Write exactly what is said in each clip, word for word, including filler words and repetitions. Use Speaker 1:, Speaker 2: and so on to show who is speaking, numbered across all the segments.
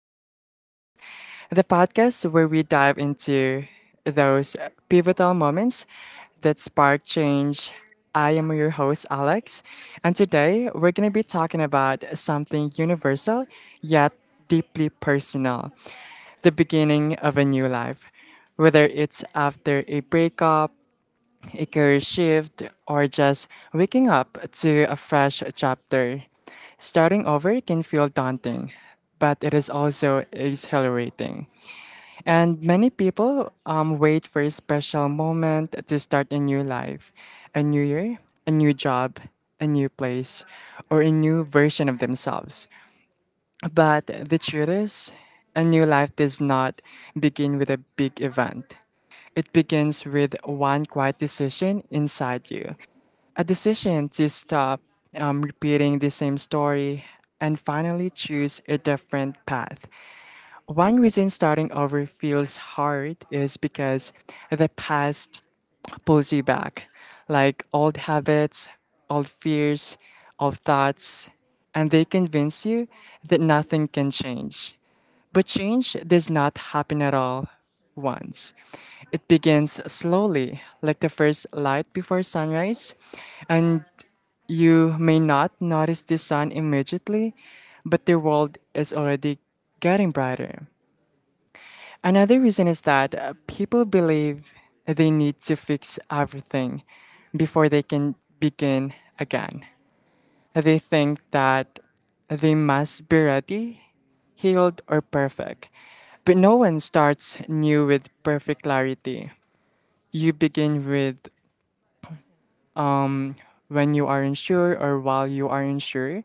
Speaker 1: Fresh Starts, the podcast where we dive into those pivotal moments that spark change. I am your host, Alex, and today we're going to be talking about something universal yet deeply personal, the beginning of a new life. Whether it's after a breakup, a career shift, or just waking up to a fresh chapter. Starting over can feel daunting, but it is also exhilarating. And many people um, wait for a special moment to start a new life, a new year, a new job, a new place, or a new version of themselves. But the truth is, a new life does not begin with a big event. It begins with one quiet decision inside you. A decision to stop um, repeating the same story and finally choose a different path. One reason starting over feels hard is because the past pulls you back, like old habits, old fears, old thoughts, and they convince you that nothing can change. But change does not happen at all once. It begins slowly, like the first light before sunrise, and you may not notice the sun immediately, but the world is already getting brighter. Another reason is that uh, people believe they need to fix everything before they can begin again. They think that they must be ready, healed, or perfect. But no one starts new with perfect clarity. You begin with when you aren't sure, or while you aren't sure,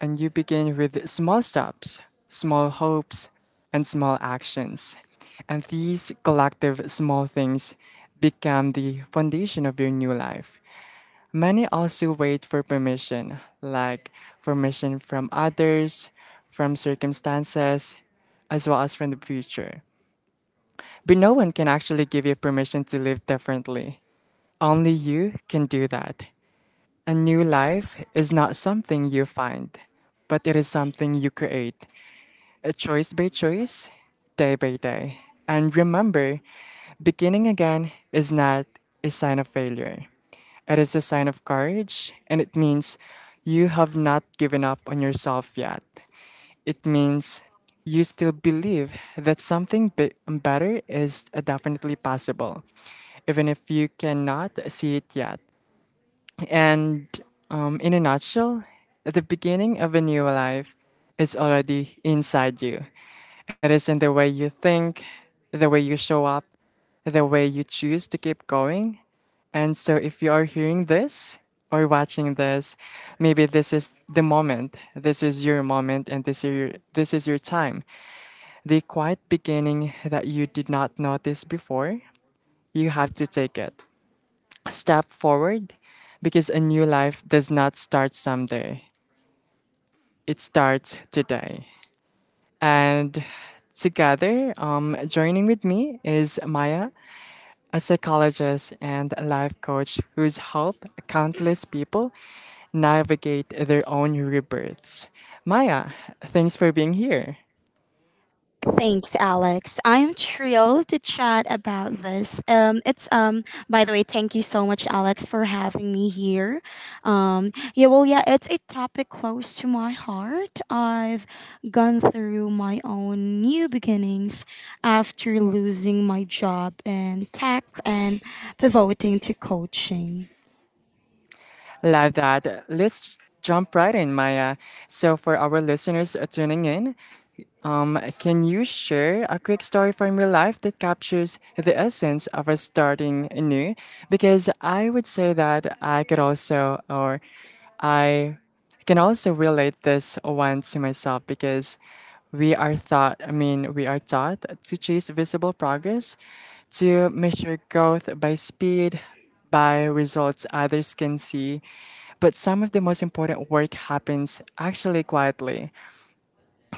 Speaker 1: and you begin with small steps, small hopes, and small actions. And these collective small things become the foundation of your new life. Many also wait for permission, like permission from others, from circumstances, as well as from the future. But no one can actually give you permission to live differently. Only you can do that. A new life is not something you find, but it is something you create, uh, choice by choice, day by day. And remember, beginning again is not a sign of failure. It is a sign of courage, and it means you have not given up on yourself yet. It means you still believe that something be- better is definitely possible, even if you cannot see it yet. And um, in a nutshell, the beginning of a new life is already inside you. It is in the way you think, the way you show up, the way you choose to keep going. And so, if you are hearing this or watching this, maybe this is the moment. This is your moment, and this is your, this is your time. The quiet beginning that you did not notice before, you have to take it step forward, because a new life does not start someday, it starts today. And together, um, joining with me is Maya, a psychologist and a life coach who's helped countless people navigate their own rebirths. Maya, thanks for being here.
Speaker 2: Thanks, Alex. I am thrilled to chat about this. Um, it's um. By the way, thank you so much, Alex, for having me here. Um, yeah, well, yeah, it's a topic close to my heart. I've gone through my own new beginnings after losing my job in tech and pivoting to coaching.
Speaker 1: Love that. Let's jump right in, Maya. So, for our listeners tuning in, um, can you share a quick story from your life that captures the essence of a starting new? Because I would say that I could also, or I can also relate this one to myself, because we are thought, I mean, we are taught to chase visible progress, to measure growth by speed, by results others can see. But some of the most important work happens actually quietly,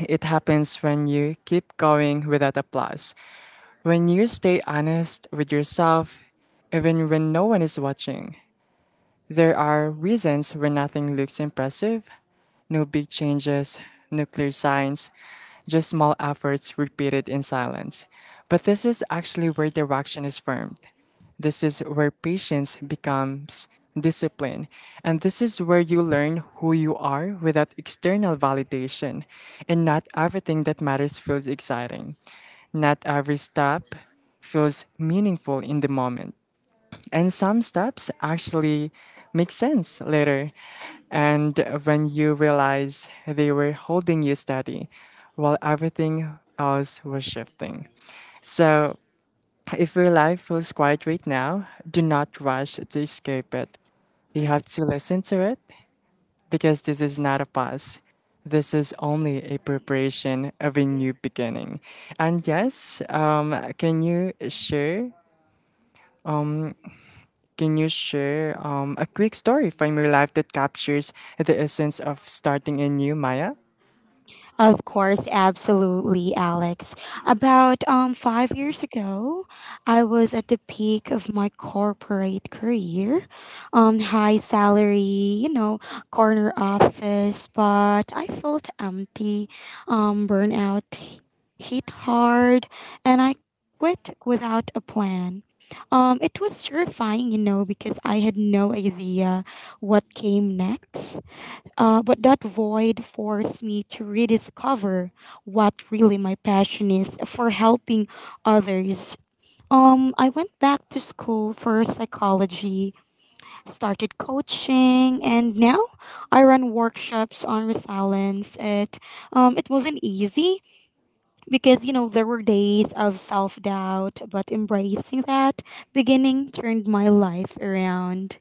Speaker 1: it happens when you keep going without applause, when you stay honest with yourself, even when no one is watching. There are reasons where nothing looks impressive, no big changes, no clear signs, just small efforts repeated in silence. But this is actually where direction is formed. This is where patience becomes discipline. And this is where you learn who you are without external validation. And not everything that matters feels exciting. Not every step feels meaningful in the moment, and some steps actually make sense later. And when you realize they were holding you steady while everything else was shifting. So, if your life feels quiet right now, do not rush to escape it. You have to listen to it, because this is not a pause. This is only a preparation of a new beginning. And yes, um, can you share um, can you share um, a quick story from your life that captures the essence of starting anew, Maya?
Speaker 2: Of course, absolutely, Alex. About um five years ago, I was at the peak of my corporate career. Um, high salary, you know, corner office, but I felt empty. Um, burnout hit hard, and I quit without a plan. Um, it was terrifying, you know, because I had no idea what came next. Uh, but that void forced me to rediscover what really my passion is for helping others. Um, I went back to school for psychology, started coaching, and now I run workshops on resilience. It, um, it wasn't easy because, you know, there were days of self doubt, but embracing that beginning turned my life around.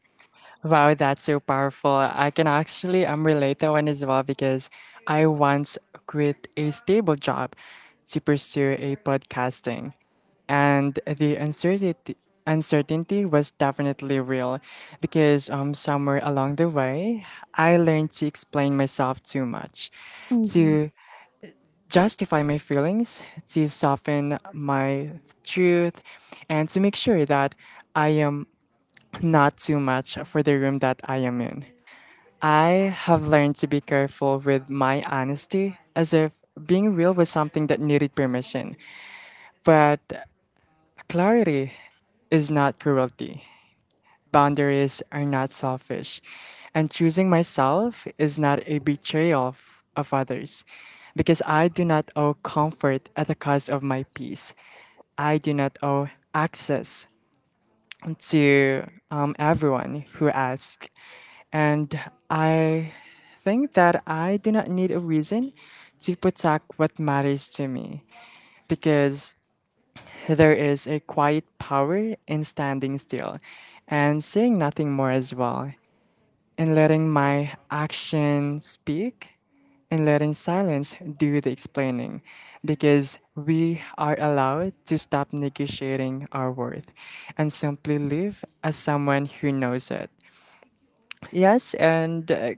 Speaker 1: Wow, that's so powerful. I can actually um, relate that one as well, because I once quit a stable job to pursue a podcasting. And the uncertainty uncertainty was definitely real, because um somewhere along the way I learned to explain myself too much.
Speaker 2: Mhm.
Speaker 1: To justify my feelings, to soften my truth, and to make sure that I am not too much for the room that I am in. I have learned to be careful with my honesty, as if being real was something that needed permission. But clarity is not cruelty, boundaries are not selfish, and choosing myself is not a betrayal of, of others, because I do not owe comfort at the cost of my peace. I do not owe access to um, everyone who asks. And I think that I do not need a reason to protect what matters to me, because there is a quiet power in standing still and saying nothing more, as well, and letting my action speak, and letting silence do the explaining, because we are allowed to stop negotiating our worth and simply live as someone who knows it. Yes, and uh,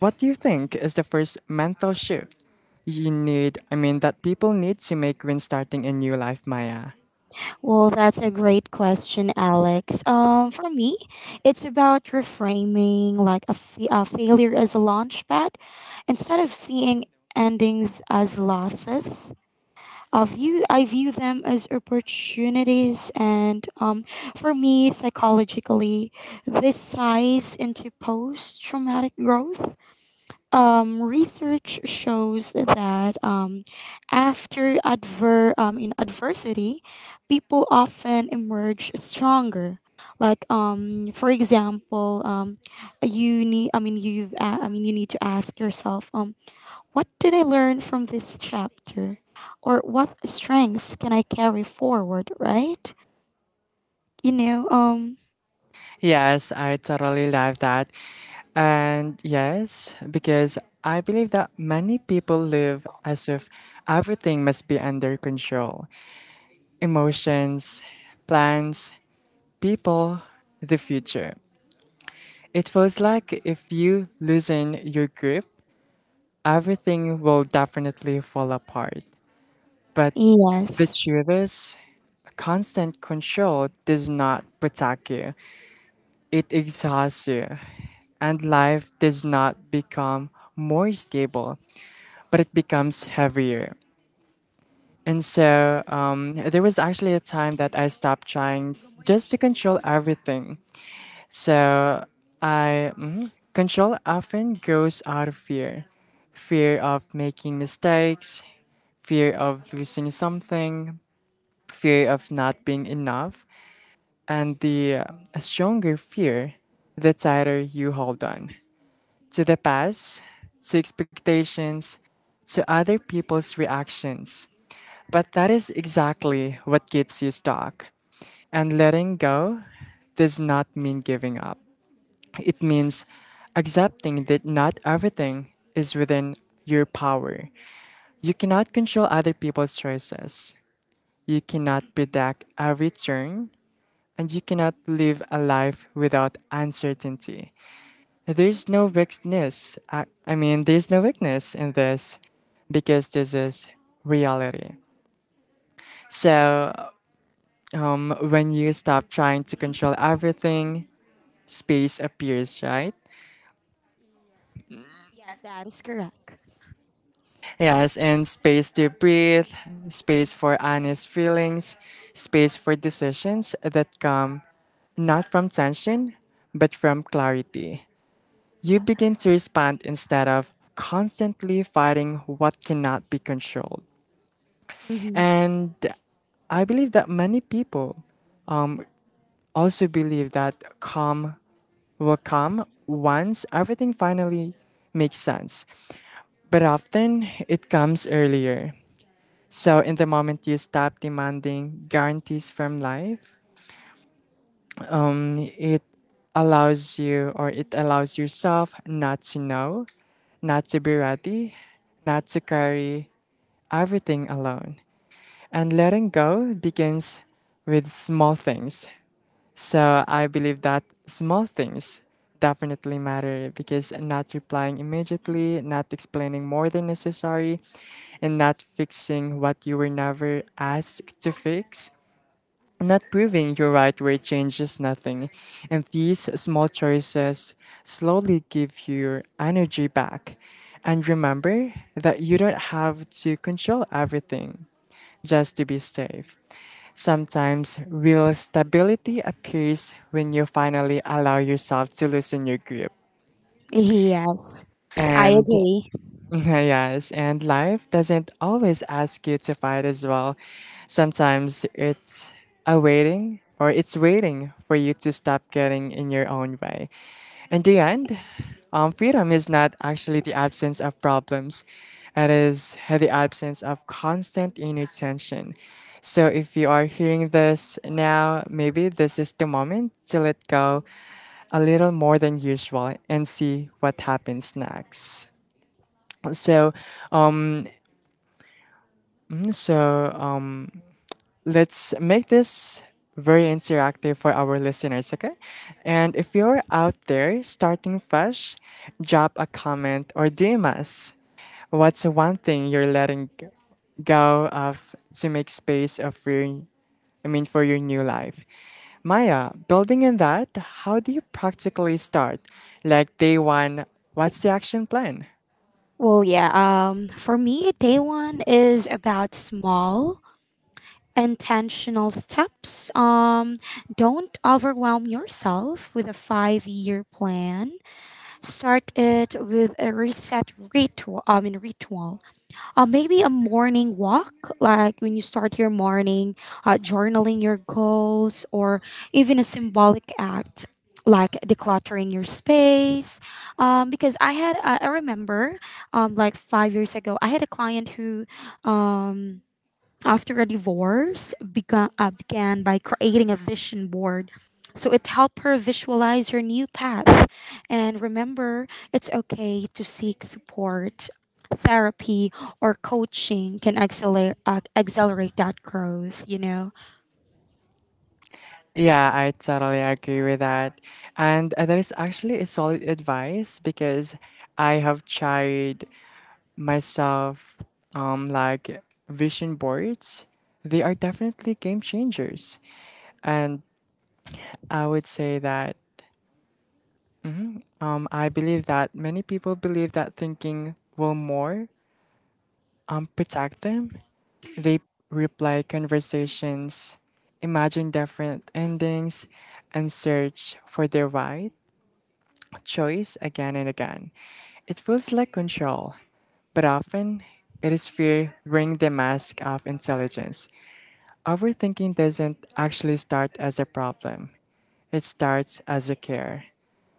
Speaker 1: what do you think is the first mental shift you need, I mean, that people need to make when starting a new life, Maya?
Speaker 2: Well, that's a great question, Alex. Um, for me, it's about reframing like a, fa- a failure as a launchpad instead of seeing endings as losses. I view I view them as opportunities, and um, for me, psychologically, this ties into post-traumatic growth. Um, research shows that um, after adver- um, in adversity, people often emerge stronger. Like um, for example, um, you need. I mean, you've. A- I mean, you need to ask yourself. Um, what did I learn from this chapter, or what strengths can I carry forward? Right. You know. Um.
Speaker 1: Yes, I totally love that. And yes, because I believe that many people live as if everything must be under control, emotions, plans, people, the future. It feels like if you loosen your grip, everything will definitely fall apart. But the
Speaker 2: Yes.
Speaker 1: truth is, constant control does not protect you, it exhausts you, and life does not become more stable, but it becomes heavier. And so, um, there was actually a time that I stopped trying t- just to control everything. So I mhm. control often goes out of fear, fear of making mistakes, fear of losing something, fear of not being enough, and the uh, stronger fear, the tighter you hold on to the past, to expectations, to other people's reactions. But that is exactly what keeps you stuck. And letting go does not mean giving up. It means accepting that not everything is within your power. You cannot control other people's choices. You cannot predict every turn, and you cannot live a life without uncertainty. There's no weakness. I, I mean, there's no weakness in this, because this is reality. So, um, when you stop trying to control everything, space appears, right?
Speaker 2: Yes, that is correct.
Speaker 1: Yes, and space to breathe, space for honest feelings, space for decisions that come not from tension, but from clarity. You begin to respond instead of constantly fighting what cannot be controlled.
Speaker 2: Mm-hmm.
Speaker 1: And I believe that many people also believe that calm will come once everything finally makes sense, but often it comes earlier. So, in the moment you stop demanding guarantees from life, um, it allows you or it allows yourself not to know, not to be ready, not to carry everything alone. And letting go begins with small things. So I believe that small things definitely matter, because not replying immediately, not explaining more than necessary, and not fixing what you were never asked to fix. Not proving you're right where it changes nothing. And these small choices slowly give your energy back. And remember that you don't have to control everything just to be safe. Sometimes real stability appears when you finally allow yourself to loosen your grip.
Speaker 2: Yes, I
Speaker 1: And
Speaker 2: agree.
Speaker 1: yes, and life doesn't always ask you to fight as well. Sometimes it's a waiting or it's waiting for you to stop getting in your own way. In the end, um, freedom is not actually the absence of problems, it is the absence of constant inner tension. So if you are hearing this now, maybe this is the moment to let go a little more than usual and see what happens next. So, um, so um, let's make this very interactive for our listeners, okay? And if you're out there starting fresh, drop a comment or D M us. What's one thing you're letting g- go of to make space of your, I mean, for your new life? Maya, building on that, how do you practically start? Like day one, what's the action plan?
Speaker 2: Well, yeah. Um, for me, day one is about small, intentional steps. Um, don't overwhelm yourself with a five-year plan. Start it with a reset ritual. I mean, ritual uh, maybe a morning walk, like when you start your morning, uh, journaling your goals, or even a symbolic act like decluttering your space. Um, because I had, uh, I remember, um, like five years ago, I had a client who, um, after a divorce began, uh, began by creating a vision board. So it helped her visualize her new path. And remember, it's okay to seek support. Therapy or coaching can accelerate, uh, accelerate that growth, you know?
Speaker 1: Yeah, I totally agree with that. And uh, that is actually a solid advice, because I have tried myself um like vision boards. They are definitely game changers. And I would say that um I believe that many people believe that thinking will more um protect them. They replay conversations, imagine different endings, and search for their right choice again and again. It feels like control, but often it is fear wearing the mask of intelligence. Overthinking doesn't actually start as a problem, it starts as a care.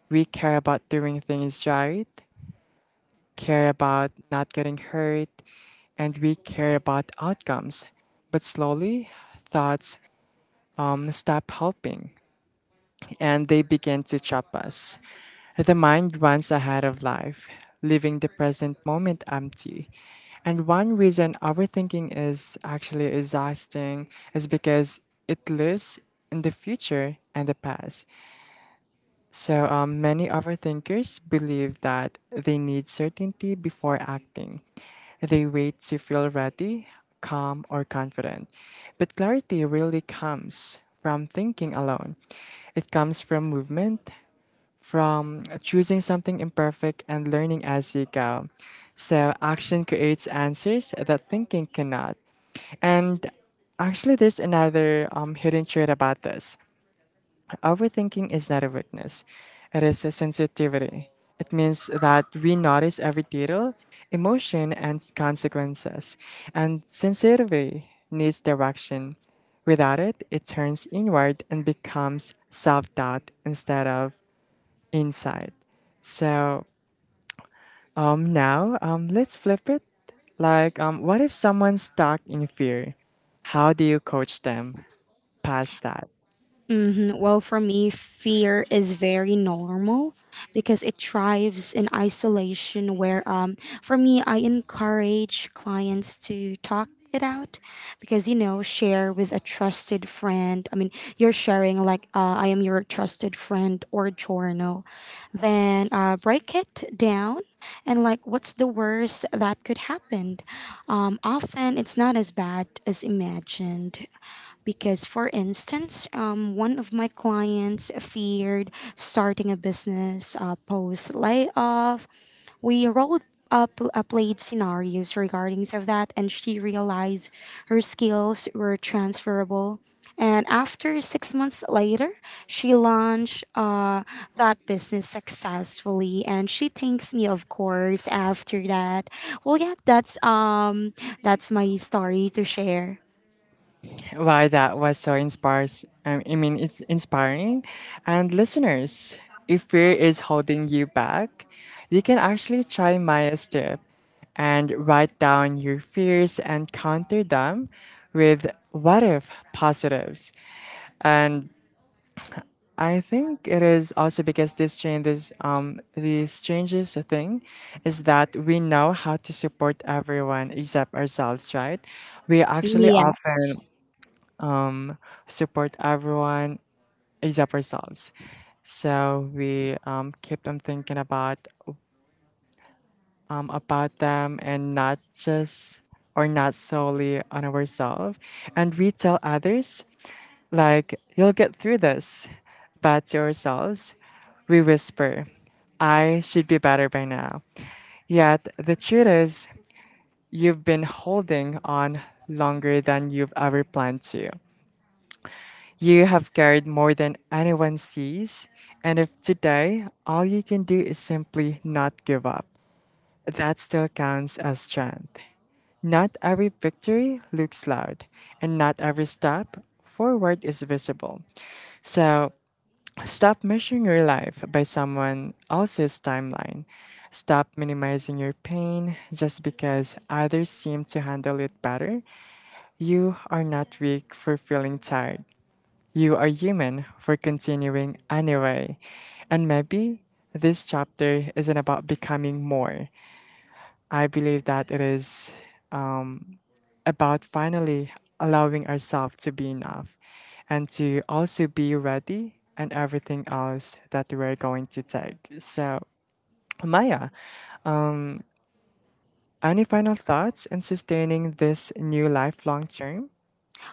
Speaker 1: We care about doing things right, care about not getting hurt, and we care about outcomes. But slowly, thoughts um, stop helping． and they begin to chop us. The mind runs ahead of life, leaving the present moment empty. And one reason overthinking is actually exhausting is because it lives in the future and the past. So, um, many overthinkers believe that they need certainty before acting. They wait to feel ready, calm, or confident. But clarity really comes from thinking alone. It comes from movement, from choosing something imperfect and learning as you go. So, action creates answers that thinking cannot. And actually, there's another um, hidden trait about this. Overthinking is not a weakness, it is a sensitivity. It means that we notice every detail, emotion, and consequences. And sensitivity needs direction. Without it, it turns inward and becomes self doubt instead of insight. So um, now um, let's flip it. Like, um, what if someone's stuck in fear? How do you coach them past that?
Speaker 2: hmm Well, for me, fear is very normal because it thrives in isolation. Where, um, for me, I encourage clients to talk it out because you know share with a trusted friend. I mean you're sharing like uh, I am your trusted friend, or journal, then uh, break it down, and like, what's the worst that could happen? Um, often it's not as bad as imagined because, for instance, um, one of my clients feared starting a business uh, post layoff. We rolled up uh, played scenarios regarding of that, and she realized her skills were transferable. And after six months later, she launched uh, that business successfully, and she thanks me, of course. After that, well, yeah, that's um, that's my story to share.
Speaker 1: Why that was so inspires. um, I mean, it's inspiring. And listeners, if fear is holding you back, you can actually try Maya's step and write down your fears and counter them with what if positives. And I think it is also because this changes um this changes thing is that we know how to support everyone except ourselves, right? We actually
Speaker 2: Yes.
Speaker 1: often support everyone except ourselves. So we um, kept on thinking about um, about them and not just or not solely on ourselves. And we tell others like you'll get through this, but to ourselves we whisper, I should be better by now. Yet the truth is you've been holding on longer than you've ever planned to. You have carried more than anyone sees, and if today all you can do is simply not give up, that still counts as strength. Not every victory looks loud, and not every step forward is visible. So stop measuring your life by someone else's timeline. Stop minimizing your pain just because others seem to handle it better. You are not weak for feeling tired. You are human for continuing anyway. And maybe this chapter isn't about becoming more. I believe that it is um, about finally allowing ourselves to be enough and to also be ready and everything else that we're going to take. So, Maya, any final thoughts in sustaining this new life long term?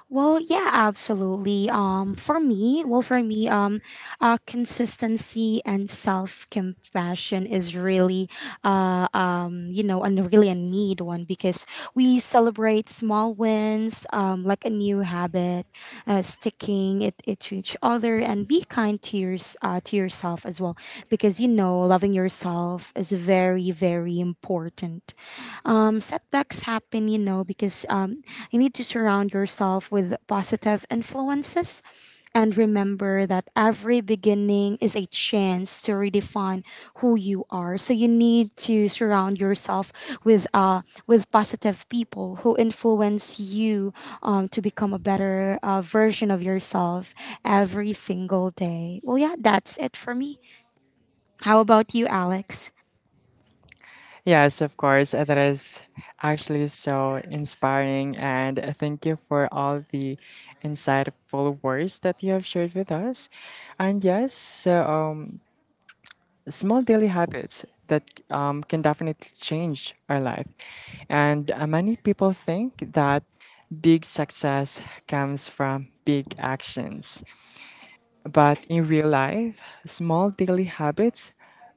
Speaker 2: Well, yeah, absolutely. Um, for me, well, for me, um, uh, consistency and self compassion is really, uh, um, you know, and really a need one because we celebrate small wins, um, like a new habit, uh, sticking it, it to each other, and be kind to your, uh, to yourself as well, because you know loving yourself is very very important. Um, setbacks happen, you know, because um, you need to surround yourself with positive influences and remember that every beginning is a chance to redefine who you are. So you need to surround yourself with uh, with positive people who influence you um, to become a better uh, version of yourself every single day. Well, yeah, that's it for me. How about you, Alex?
Speaker 1: Yes, of course. uh, That is actually so inspiring. And uh, thank you for all the insightful words that you have shared with us. And yes, so, um, small daily habits that um, can definitely change our life. And uh, many people think that big success comes from big actions. But in real life, small daily habits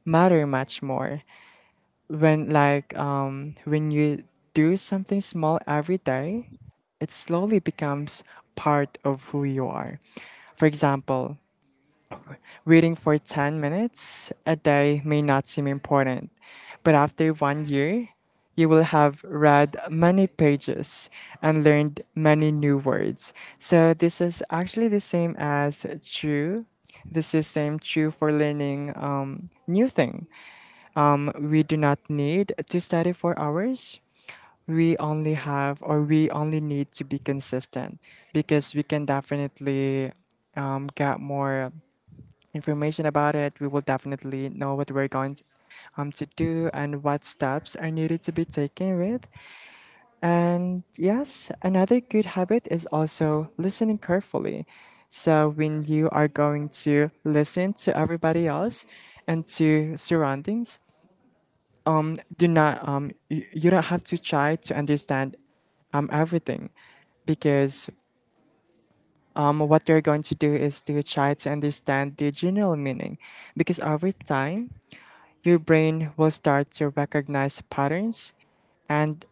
Speaker 1: matter much more when like um when you do something small every day, it slowly becomes part of who you are. For example, reading for ten minutes a day may not seem important, but after one year you will have read many pages and learned many new words. So this is actually the same as true, this is same true for learning um, new thing. Um, we do not need to study for hours. We only have, or we only need to be consistent because we can definitely um, get more information about it. We will definitely know what we're going to, um, to do and what steps are needed to be taken with. And yes, another good habit is also listening carefully. So when you are going to listen to everybody else and to surroundings, Mm, do not um you, you don't have to try to understand um everything because um what you're going to do is to try to understand the general meaning. Because over time your brain will start to recognize patterns and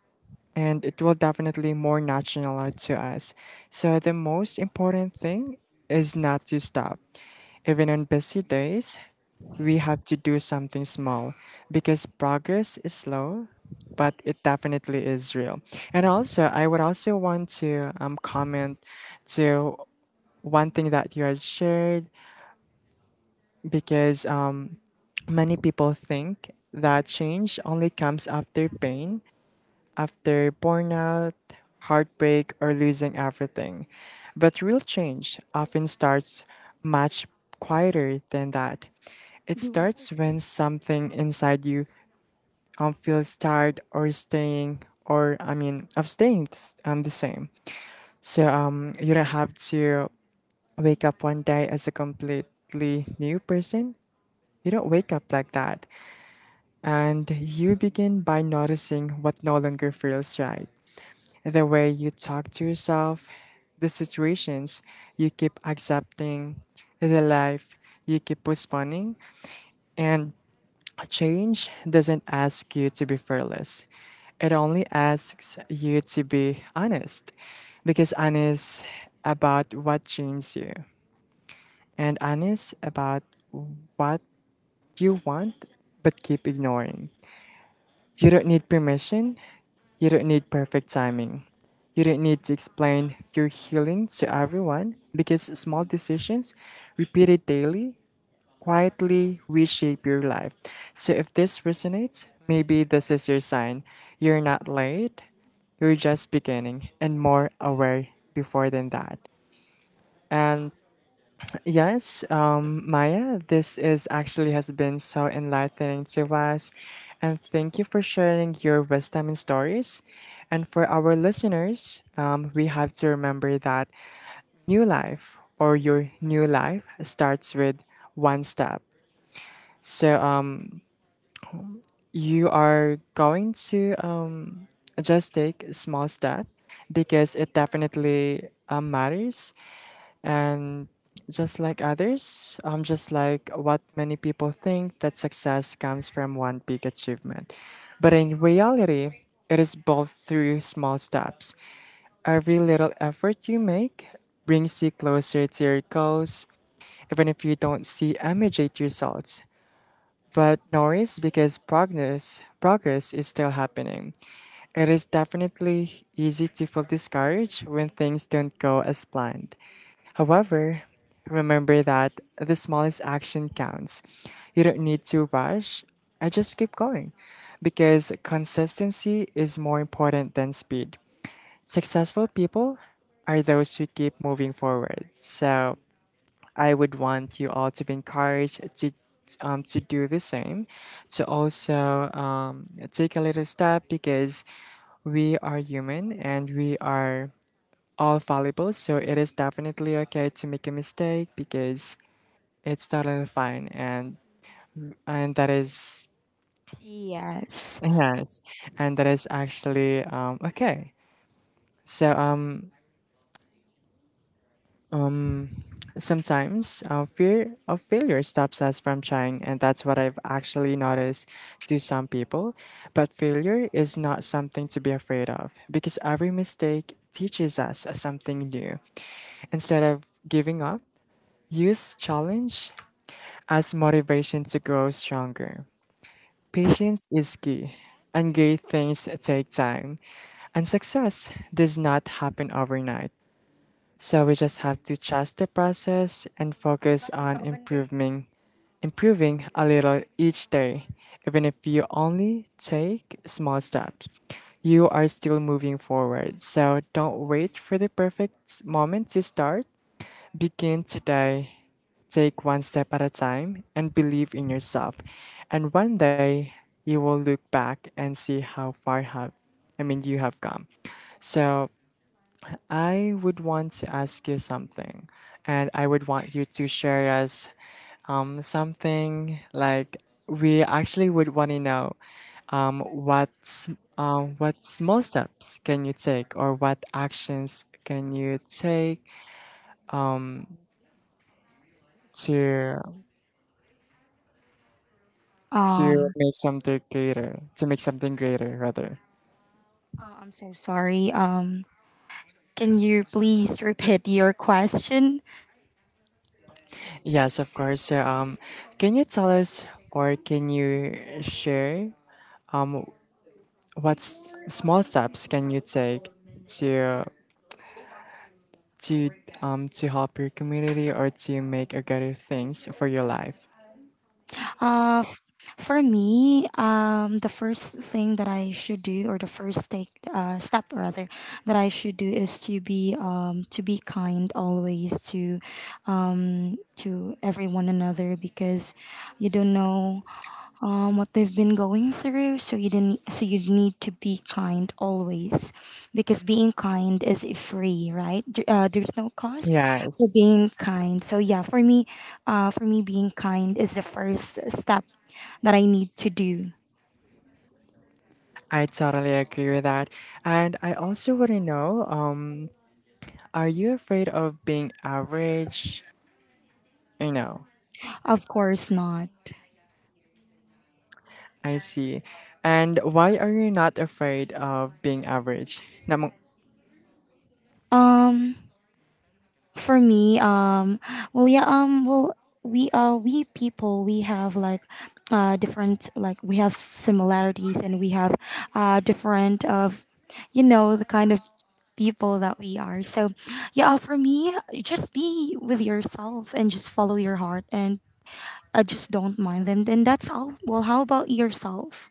Speaker 1: and it will definitely more natural to us. So the most important thing is not to stop. Even on busy days, we have to do something small because progress is slow, but it definitely is real. And also, I would also want to um, comment to one thing that you had shared because um, many people think that change only comes after pain, after burnout, heartbreak, or losing everything. But real change often starts much quieter than that. It
Speaker 2: Do you wanna go
Speaker 1: starts
Speaker 2: skip?
Speaker 1: when something inside you um, feels tired or staying, or I mean, of staying s- um, the same. So um, you don't have to wake up one day as a completely new person. You don't wake up like that. And you begin by noticing what no longer feels right: the way you talk to yourself, the situations you keep accepting, the life you keep postponing. And change doesn't ask you to be fearless, it only asks you to be honest, because honest about what changed you, and honest about what you want but keep ignoring. You don't need permission. You don't need perfect timing. You don't need to explain your healing to everyone, because small decisions, repeated daily, quietly reshape your life. So if this resonates, maybe this is your sign. You're not late, you're just beginning and more aware before than that. And yes, um, Maya, this is actually has been so enlightening to us. And thank you for sharing your wisdom and stories. And for our listeners, um, we have to remember that new life or your new life starts with one step. So um, you are going to um, just take a small step because it definitely um, matters. And just like others, um, just like what many people think that success comes from one big achievement. But in reality, it is both through small steps. Every little effort you make brings you closer to your goals, even if you don't see immediate results. But notice, because progress progress is still happening. It is definitely easy to feel discouraged when things don't go as planned. However, remember that the smallest action counts. You don't need to rush. I just keep going because consistency is more important than speed. Successful people are those who keep moving forward. So I would want you all to be encouraged to um, to do the same, to also um, take a little step because we are human and we are all fallible, so it is definitely okay to make a mistake because it's totally fine, and and that is
Speaker 2: Yes.
Speaker 1: yes, and that is actually um, okay. So um, sometimes uh, fear of failure stops us from trying, and that's what I've actually noticed to some people. But failure is not something to be afraid of, because every mistake teaches us something new. Instead of giving up, use challenge as motivation to grow stronger. Patience is key, and great things take time, and success does not happen overnight. So we just have to trust the process and focus on improving, improving a little each day. Even if you only take small steps, you are still moving forward. So don't wait for the perfect moment to start. Begin today. Take one step at a time and believe in yourself. And one day you will look back and see how far have I mean you have come. So I would want to ask you something and I would want you to share us um, something like we actually would want to know um, what sm- um, what small steps can you take or what actions can you take to to
Speaker 2: Um,
Speaker 1: make something greater to make something greater rather.
Speaker 2: oh, I'm so sorry. Um, can you please repeat your question?
Speaker 1: Yes, of course. So um can you tell us or can you share um what s- small steps can you take to to um to help your community or to make a greater things for your life.
Speaker 2: Uh, f- for me, um, the first thing that I should do, or the first take, uh, step rather, that I should do is to be um, to be kind always to um, to everyone another because you don't know um, what they've been going through. So you didn't. So you need to be kind always, because being kind is free, right? There- Uh, there's no cost for
Speaker 1: Yes,
Speaker 2: being kind. So yeah, for me, uh, for me, being kind is the first step that I need to do.
Speaker 1: I totally agree with that. And I also want to know um are you afraid of being average, you know?
Speaker 2: Of course not.
Speaker 1: I see. And why are you not afraid of being average? Namang,
Speaker 2: Um, for me um well yeah um well we uh we people we have like uh different, like we have similarities, and we have uh different of, you know, the kind of people that we are. So yeah, uh, for me, just be with yourself and just follow your heart, and I just don't mind them, then that's all. Well, how about yourself?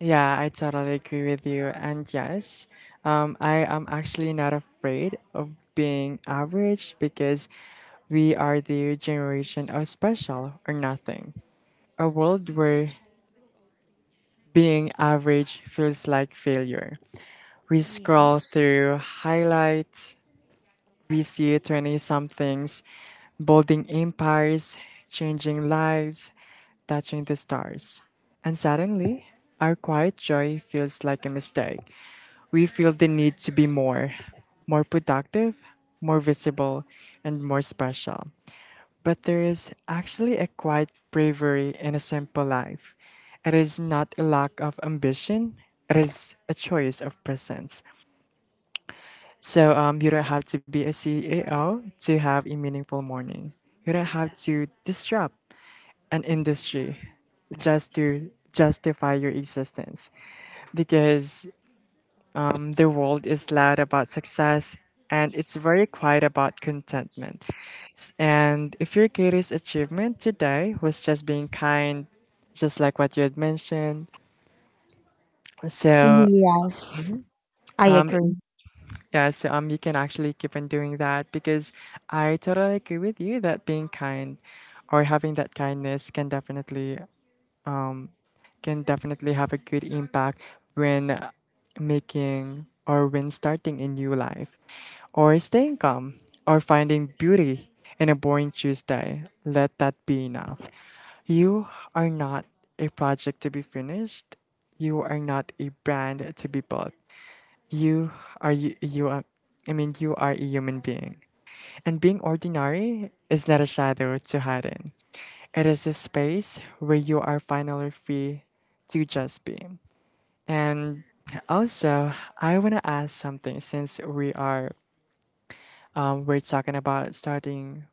Speaker 1: yeah, I totally agree with you. And yes, um, I am actually not afraid of being average because we are the generation of special or nothing. A world where being average feels like failure. We scroll
Speaker 2: Yes.
Speaker 1: through highlights, we see twenty somethings building empires, changing lives, touching the stars. And suddenly, our quiet joy feels like a mistake. We feel the need to be more, more productive, more visible, and more special. But there is actually a quiet bravery in a simple life. It is not a lack of ambition, it is a choice of presence. So um, you don't have to be a C E O to have a meaningful morning. You don't have to disrupt an industry just to justify your existence because um, the world is loud about success and it's very quiet about contentment. And if your greatest achievement today was just being kind, just like what you had mentioned, so
Speaker 2: Yes, I
Speaker 1: um,
Speaker 2: agree.
Speaker 1: yeah, so um, you can actually keep on doing that because I totally agree with you that being kind or having that kindness can definitely can definitely have a good impact when uh, making or when starting a new life, or staying calm, or finding beauty in a boring Tuesday. Let that be enough. You are not a project to be finished. You are not a brand to be built. You are you, you are, I mean, You are a human being. And being ordinary is not a shadow to hide in. It is a space where you are finally free to just be. And also, I want to ask something since we are um, we're talking about starting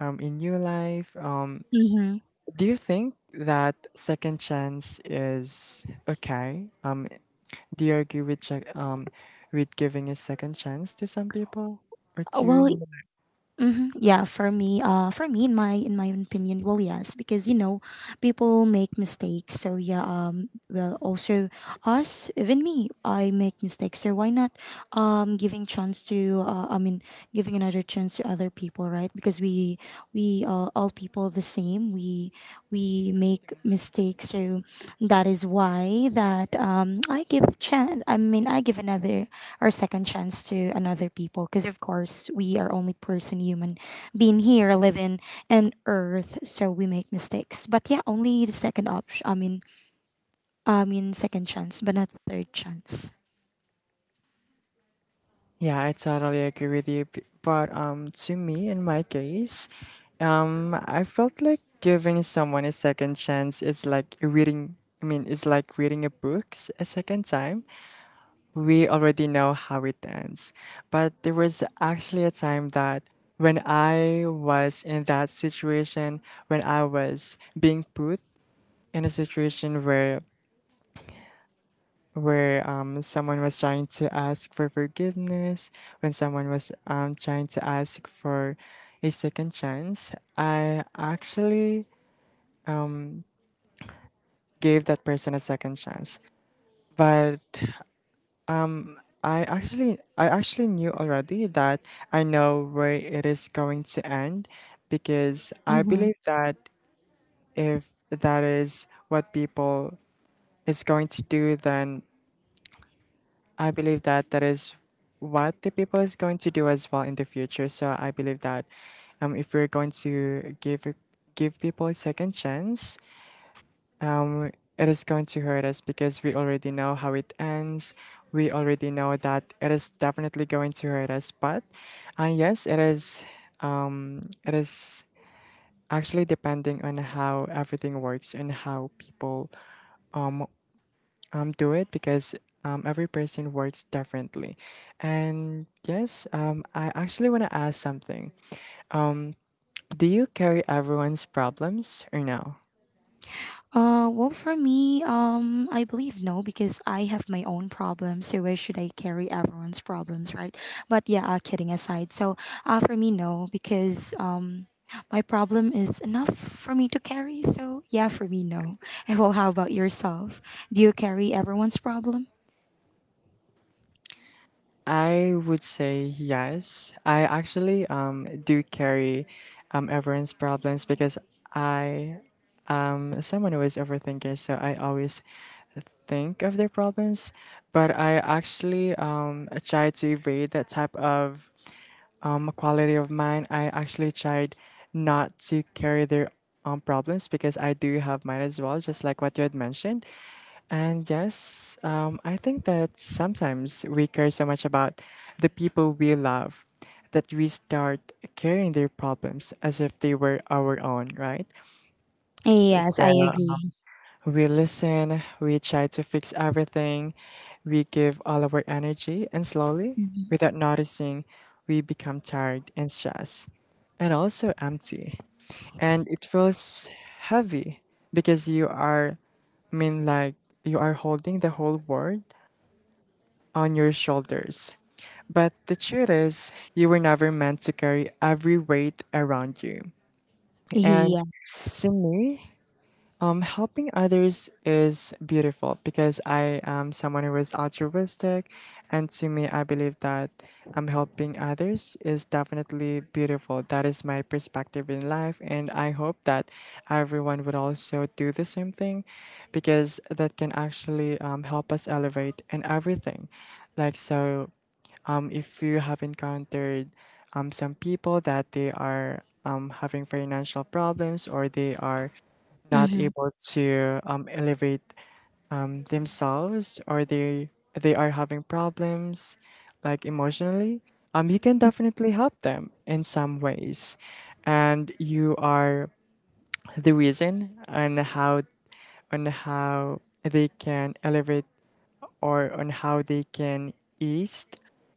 Speaker 1: um, a new life. Um,
Speaker 2: Mm-hmm.
Speaker 1: do you think that second chance is okay? Um, do you agree with check, um, with giving a second chance to some people or
Speaker 2: Uh,
Speaker 1: to your.
Speaker 2: well hmm Yeah, for me, uh, for me, in my in my opinion, well, yes, because you know, people make mistakes. So yeah, um, well also us even me, I make mistakes, so why not um giving chance to uh, i mean giving another chance to other people, right? Because we we uh, all people the same, we we make mistakes. So that is why that um I give chance. i mean I give another or second chance to another people, because of course we are only person human being here living in earth, so we make mistakes. But yeah only the second option I mean I mean, second chance, but not third chance.
Speaker 1: Yeah, I totally agree with you. b- But um, to me, in my case, um, I felt like giving someone a second chance is like reading. I mean, it's like reading a book s- a second time. We already know how it ends, but there was actually a time that when I was in that situation, when I was being put in a situation where where um, someone was trying to ask for forgiveness, when someone was um, trying to ask for a second chance, I actually gave that person a second chance. But I actually I actually knew already that I know where it is going to end because I
Speaker 2: Mm-hmm.
Speaker 1: believe that if that is what people is going to do, then I believe that that is what the people is going to do as well in the future. So I believe that um, if we're going to give give people a second chance, um, it is going to hurt us because we already know how it ends. We already know that it is definitely going to hurt us. But uh, yes, it is. Um, it is actually depending on how everything works and how people um, do it because um, every person works differently. And yes, um, I actually want to ask something. Do you carry everyone's problems or no?
Speaker 2: Uh, well, for me, um, I believe no because I have my own problems. So where should I carry everyone's problems, right? But yeah, uh, kidding aside. So, uh, for me, no because um, my problem is enough for me to carry. So yeah, for me, no. And well, how about yourself? Do you carry everyone's problem?
Speaker 1: I would say yes. I actually um, do carry um, everyone's problems because I am someone who is overthinker, so I always think of their problems, but I actually um, try to evade that type of um, a quality of mine. I actually tried not to carry their um, problems because I do have mine as well, just like what you had mentioned. And yes, um, I think that sometimes we care so much about the people we love that we start carrying their problems as if they were our own, right?
Speaker 2: Yes,
Speaker 1: So
Speaker 2: I agree.
Speaker 1: we listen, we try to fix everything, we give all of our energy, and slowly,
Speaker 2: Mhm.
Speaker 1: without noticing, we become tired and stressed, and also empty. And it feels heavy because you are, I mean, like you are holding the whole world on your shoulders. But the truth is, you were never meant to carry every weight around you. And
Speaker 2: Yes.
Speaker 1: to me, um, helping others is beautiful because I am someone who is altruistic, and to me, I believe that um, helping others is definitely beautiful. That is my perspective in life, and I hope that everyone would also do the same thing because that can actually um, help us elevate in everything. Like, so um, if you have encountered um, some people that they are um, having financial problems or they are not
Speaker 2: Mm-hmm.
Speaker 1: able to um, elevate um, themselves, or they they are having problems like emotionally, um, you can definitely help them in some ways, and you are the reason on how on how they can elevate or on how they can ease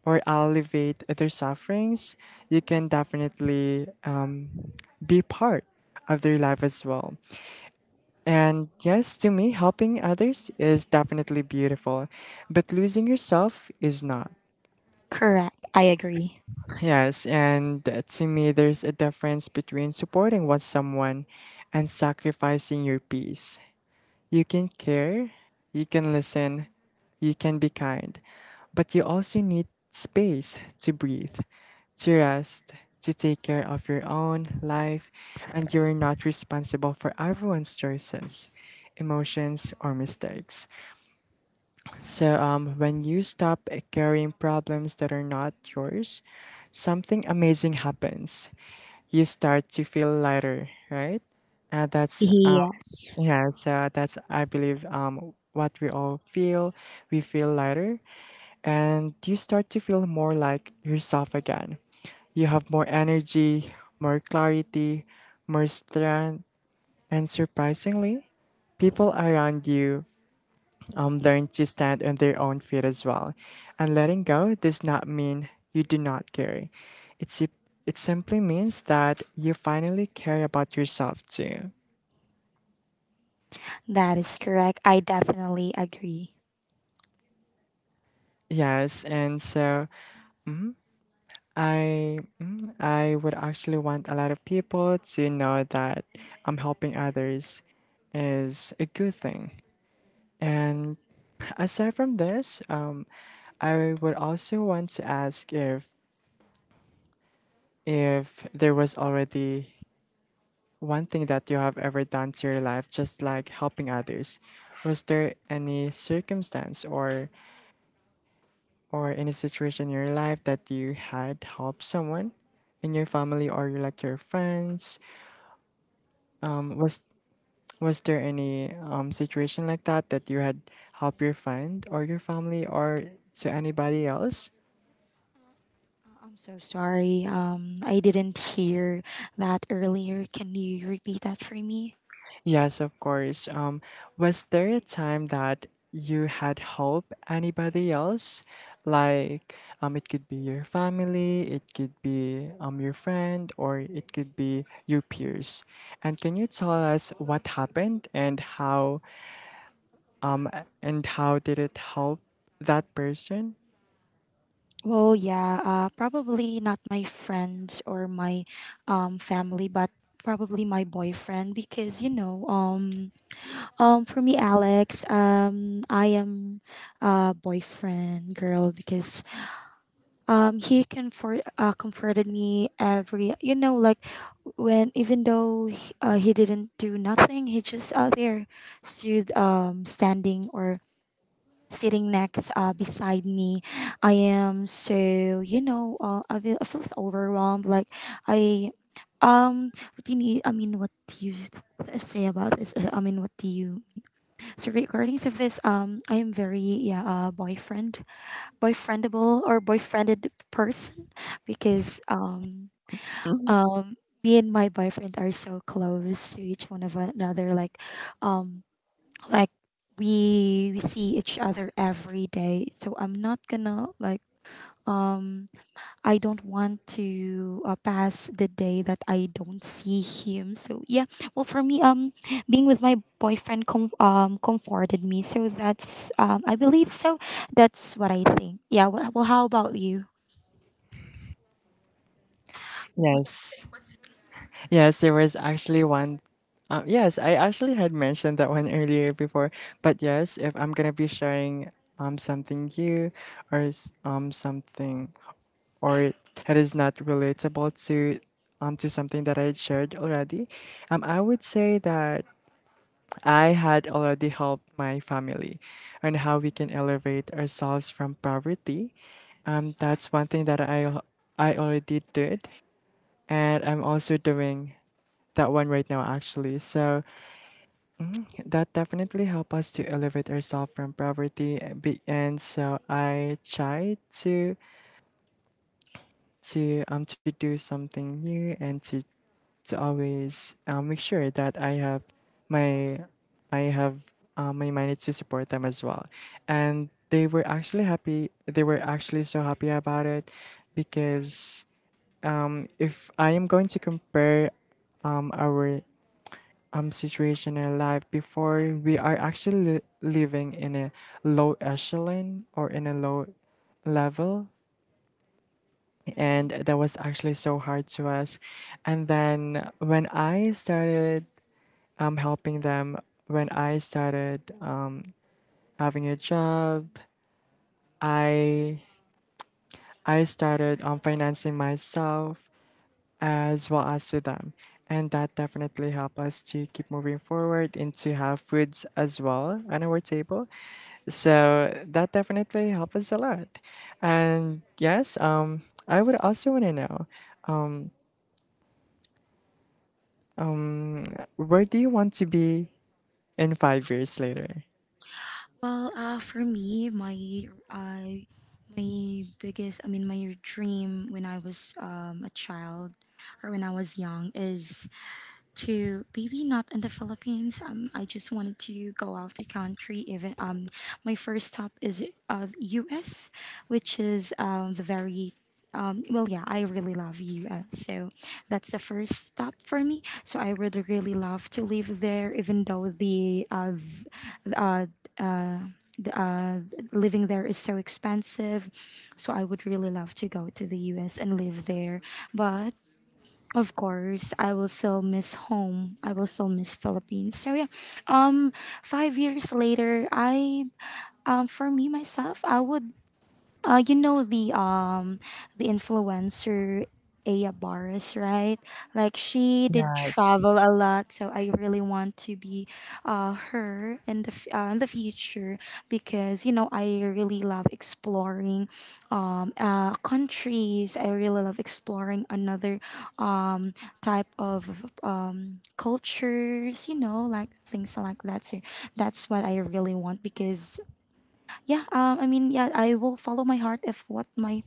Speaker 1: or alleviate their sufferings. You can definitely um, be part of their life as well. And yes, to me, helping others is definitely beautiful, but losing yourself is not.
Speaker 2: Correct. I agree.
Speaker 1: Yes, and uh, to me, there's a difference between supporting what someone and sacrificing your peace. You can care, you can listen, you can be kind, but you also need space to breathe, to rest, to take care of your own life, and you're not responsible for everyone's choices, emotions, or mistakes. So, um, when you stop carrying problems that are not yours, something amazing happens. You start to feel lighter, right? And that's um,
Speaker 2: Yes.
Speaker 1: yeah, so that's I believe um what we all feel. We feel lighter, and you start to feel more like yourself again. You have more energy, more clarity, more strength, and surprisingly, people around you um, learn to stand on their own feet as well. And letting go does not mean you do not care. It's, si- it simply means that you finally care about yourself too.
Speaker 2: That is correct. I definitely agree.
Speaker 1: Yes, and so I mm, I would actually want a lot of people to know that I'm helping others is a good thing. And aside from this, um, I would also want to ask if if there was already one thing that you have ever done to your life just like helping others. Was there any circumstance or or any situation in your life that you had helped someone in your family or your- like your friends, um was was there any um situation like that that you had helped your friend or your family or to anybody else?
Speaker 2: Uh, I'm so sorry. Um, I didn't hear that earlier. Can you repeat that for me?
Speaker 1: Yes, of course. Um, was there a time that you had helped anybody else? Like, um, it could be your family, it could be um, your friend, or it could be your peers. And can you tell us what happened and how um and how did it help that person?
Speaker 2: Well, yeah, uh, probably not my friends or my um, family, but probably my boyfriend because you know, um, um, for me, Alex, um, I am a boyfriend girl because um he comfort uh, comforted me every, you know, like, when even though he, uh, he didn't do nothing, he just out there stood um standing or sitting next uh beside me. I am so, you know, uh, I, feel, I feel so overwhelmed, like I um what do you need I mean what do you s- say about this Uh, I mean what do you so regarding of this, um I am very, yeah, uh boyfriend boyfriendable or boyfriended person because um um me and my boyfriend are so close to each one of another, like, um like we we see each other every day, so I'm not gonna like, um I don't want to uh, pass the day that I don't see him. So yeah, well, for me, um being with my boyfriend com- um comforted me. So that's, um I believe so, that's what I think. Yeah. Well, well, how about you? What was—
Speaker 1: Yes. Yes, there was actually one. Um, yes, I actually had mentioned that one earlier before. But yes, if I'm gonna be sharing um something new or s- um something or that is not relatable to um to something that I had shared already, um I would say that I had already helped my family on how we can elevate ourselves from poverty. Um, that's one thing that I al- I already did, and I'm also doing that one right now actually. So that definitely helped us to elevate ourselves from poverty. And be- and so I tried to to um to do something new and to to always um, make sure that I have my I have um, my managed to support them as well. And they were actually happy, they were actually so happy about it because um, if I am going to compare um, our um, situation in our life before, we are actually li- living in a low echelon or in a low level.
Speaker 2: Mm-hmm.
Speaker 1: And that was actually so hard to us, and then when I started um, helping them, when I started um, having a job, i i started um, financing myself as well as to them. And that definitely help us to keep moving forward and to have foods as well on our table. So that definitely helps us a lot. And yes, um, I would also want to know, um, where do you want to be in five years later?
Speaker 2: Well, uh, for me, my uh, my biggest, I mean, my dream when I was um, a child or when I was young is to, maybe not in the Philippines. Um, I just wanted to go out the country. Even um, My first stop is uh U S, which is um the very um well yeah I really love U S. So that's the first stop for me. So I would really love to live there, even though the uh v- uh, the, uh living there is so expensive. So I would really love to go to the U S and live there, but of course, I will still miss home. I will still miss Philippines. So yeah, um, five years later, I, um, for me myself, I would, uh, you know, the um the influencer Aya Barris, right? Like she did
Speaker 1: Yes.
Speaker 2: travel a lot, so I really want to be uh her in the f- uh, in the future, because you know I really love exploring um uh countries. I really love exploring another um type of um cultures, you know, like things like that. So that's what I really want because, yeah, um, i mean yeah, I will follow my heart if what my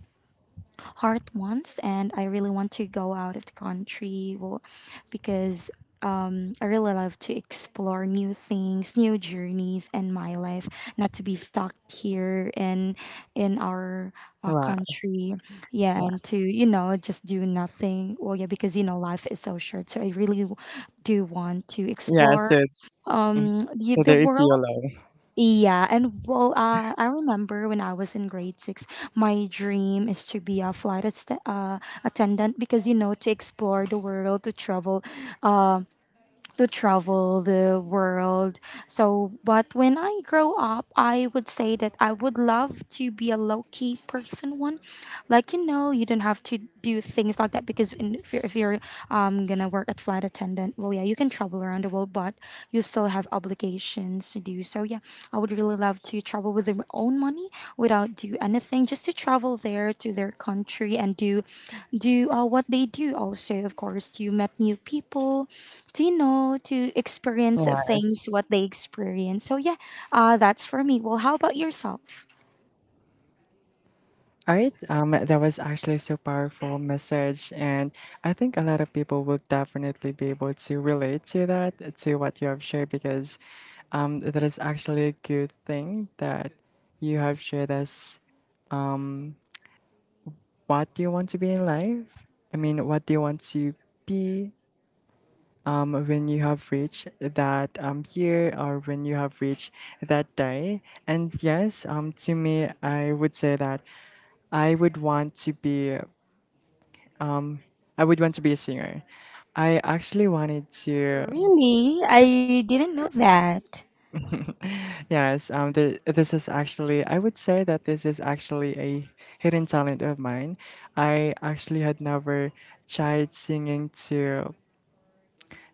Speaker 2: heart wants, and I really want to go out of the country well because um, I really love to explore new things, new journeys in my life, not to be stuck here in in our uh,
Speaker 1: Wow.
Speaker 2: country, yeah, and to,
Speaker 1: Yes.
Speaker 2: you know, just do nothing. Well, yeah, because you know life is so short, so i really w- do want to
Speaker 1: Yeah.
Speaker 2: explore
Speaker 1: So, mm,
Speaker 2: um the,
Speaker 1: so
Speaker 2: the
Speaker 1: there is
Speaker 2: world.
Speaker 1: YOLO.
Speaker 2: Yeah, and well, uh, I remember when I was in grade six, my dream is to be a flight atte- uh, attendant because you know to explore the world, to travel, to travel the world. So, but when I grow up, I would say that I would love to be a low key person. One, like you know, you don't have to do things like that because in, if you're, if you're um gonna work at flight attendant, well, yeah, you can travel around the world, but you still have obligations to do. So, yeah, I would really love to travel with their own money without do anything, just to travel there to their country and do do uh, what they do. Also, of course, to met new people do you know to experience things
Speaker 1: Yes.
Speaker 2: what they experience, so yeah, uh, that's for me. Well, how about yourself?
Speaker 1: All right, um, that was actually so powerful message, and I think a lot of people will definitely be able to relate to that, to what you have shared, because um, that is actually a good thing that you have shared us what do you want to be in life. I mean, what do you want to be um, when you have reached that um, year or when you have reached that day? And yes, um, to me, I would say that I would want to be. I would want to be a singer. I actually wanted to.
Speaker 2: Really, I didn't know that.
Speaker 1: Yes, um, the, this is actually, I would say that this is actually a hidden talent of mine. I actually had never tried singing to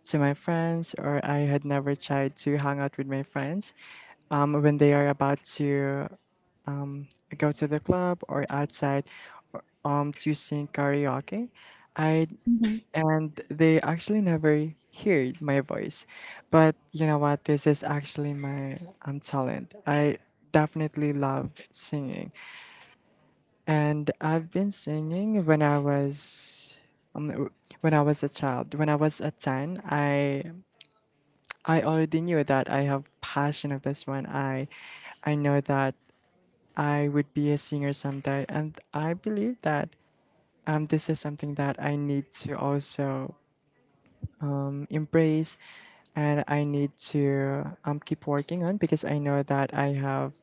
Speaker 1: to my friends, or I had never tried to hang out with my friends um, when they are about to go to the club or outside um to sing karaoke. I
Speaker 2: Mm-hmm.
Speaker 1: And they actually never heard my voice. But you know what? This is actually my um talent. I definitely love singing, and I've been singing when I was um, w- when I was a child. When I was a ten, I I already knew that I have passion of this one. I I know that I would be a singer someday. And I believe that um, this is something that I need to also um, embrace, and I need to um, keep working on because I know that I have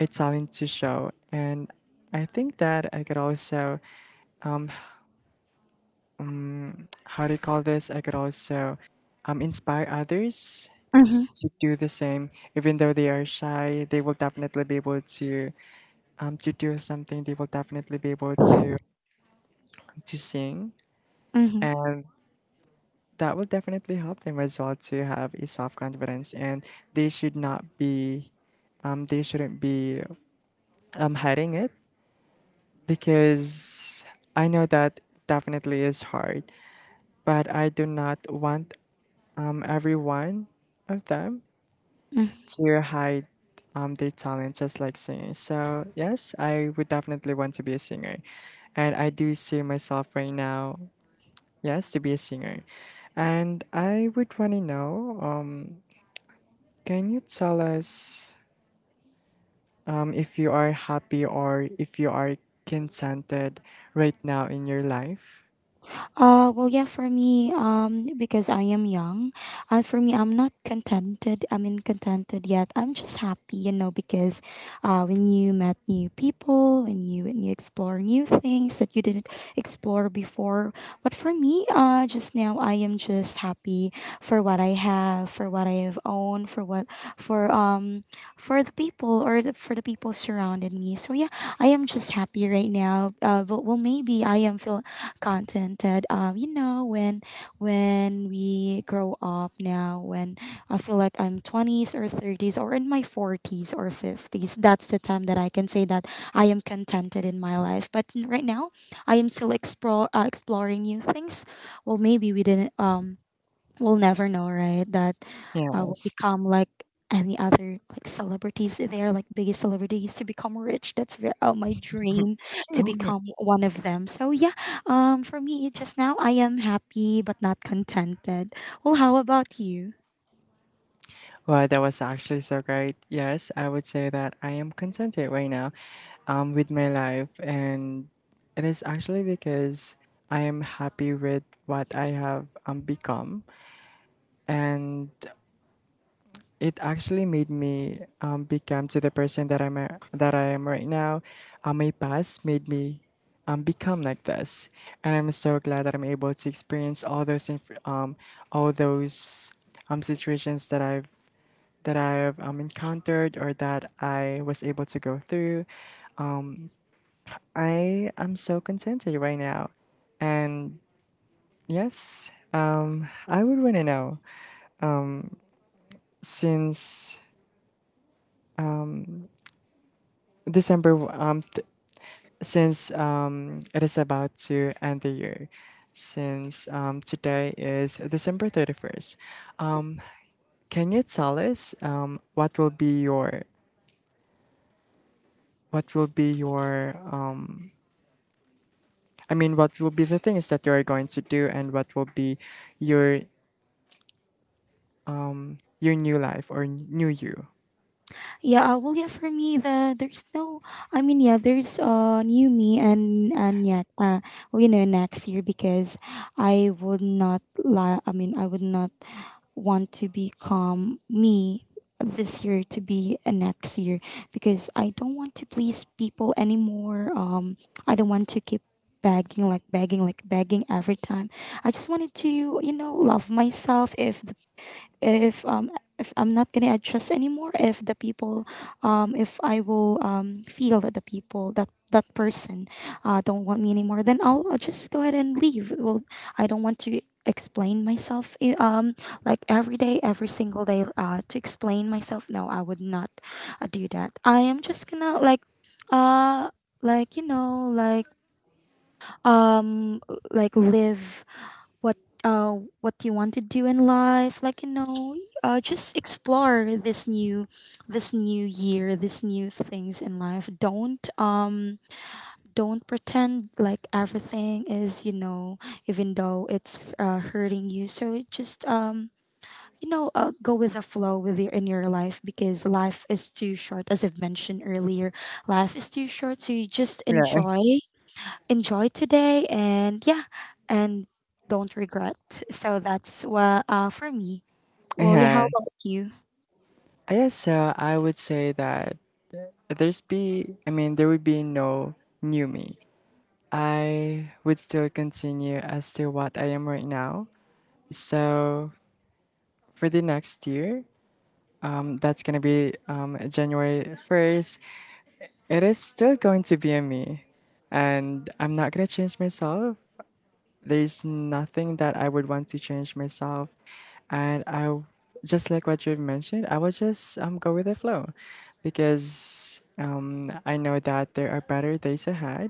Speaker 1: a talent to show. And I think that I could also, how do you call this? I could also um, inspire others
Speaker 2: Mm-hmm.
Speaker 1: to do the same. Even though they are shy, they will definitely be able to um, to do something. They will definitely be able to um, to sing,
Speaker 2: Mm-hmm.
Speaker 1: and that will definitely help them as well to have a self confidence, and they should not be, um, they shouldn't be um, hiding it because I know that definitely is hard, but I do not want um, every one of them to hide um, their talent just like singing. So, yes, I would definitely want to be a singer, and I do see myself right now, yes, to be a singer. And I would want to know. Um, Can you tell us um, if you are happy or if you are contented right now in your life?
Speaker 2: Uh, well, yeah, for me, um, because I am young, uh, for me, I'm not contented. I mean, contented yet. I'm just happy, you know, because, uh, when you met new people, when you when you explore new things that you didn't explore before. But for me, uh, just now, I am just happy for what I have, for what I have owned, for what for um for the people or the, for the people surrounded me. So yeah, I am just happy right now. Uh, but well, maybe I am feel content that um you know when when we grow up now when I feel like I'm twenties or thirties or in my forties or fifties, that's the time that I can say that I am contented in my life, but n- right now I am still explore, uh, exploring new things. Well, maybe we didn't um we'll never know, right? That uh, will
Speaker 1: Yes.
Speaker 2: become like any other like celebrities, they are like biggest celebrities to become rich, that's re- uh, my dream to become one of them. So yeah, um for me, just now I am happy but not contented. Well, how about you?
Speaker 1: Wow, that was actually so great. Yes, I would say that I am contented right now um, with my life, and it is actually because I am happy with what I have um, become. And it actually made me um, become to the person that I'm a- that I am right now. Um, my past made me um, become like this, and I'm so glad that I'm able to experience all those inf- um, all those um, situations that I've that I've um, encountered or that I was able to go through. I am so contented right now, and yes, um, I would want to know since December um since um, it is about to end the year, since um, today is December thirty-first. Can you tell us um, what will be your what will be your um, I mean what will be the things that you are going to do, and what will be your your new life or new you?
Speaker 2: yeah uh, well yeah, for me the there's no, I mean, yeah, there's uh new me. And and yeah, uh well, you know, next year, because I would not lie, I mean, I would not want to become me this year to be a next year, because I don't want to please people anymore. Um, I don't want to keep begging like begging like begging every time. I just wanted to, you know, love myself. If if um if I'm not gonna adjust anymore, if the people um if I will um feel that the people that that person uh don't want me anymore, then I'll, I'll just go ahead and leave. Well, I don't want to explain myself, i- um like every day, every single day, uh to explain myself. No, I would not uh, do that. I am just gonna like, uh like, you know, like, um like live what, uh what you want to do in life, like you know, uh just explore this new, this new year, this new things in life. Don't um don't pretend like everything is, you know, even though it's uh, hurting you. So just um you know, uh, go with the flow with your in your life, because life is too short, as I've mentioned earlier. Life is too short, so you just enjoy
Speaker 1: Yes.
Speaker 2: enjoy today. And yeah, and don't regret. So that's what uh for me.
Speaker 1: Yes.
Speaker 2: Well, yeah, how about
Speaker 1: Yes.
Speaker 2: you?
Speaker 1: So, I would say that there's be, I mean, there would be no new me. I would still continue as to what I am right now. So for the next year, um, that's gonna be um, January first. It is still going to be a me, and I'm not gonna change myself. There's nothing that I would want to change myself, and I just like what you mentioned, I would just um go with the flow, because um I know that there are better days ahead,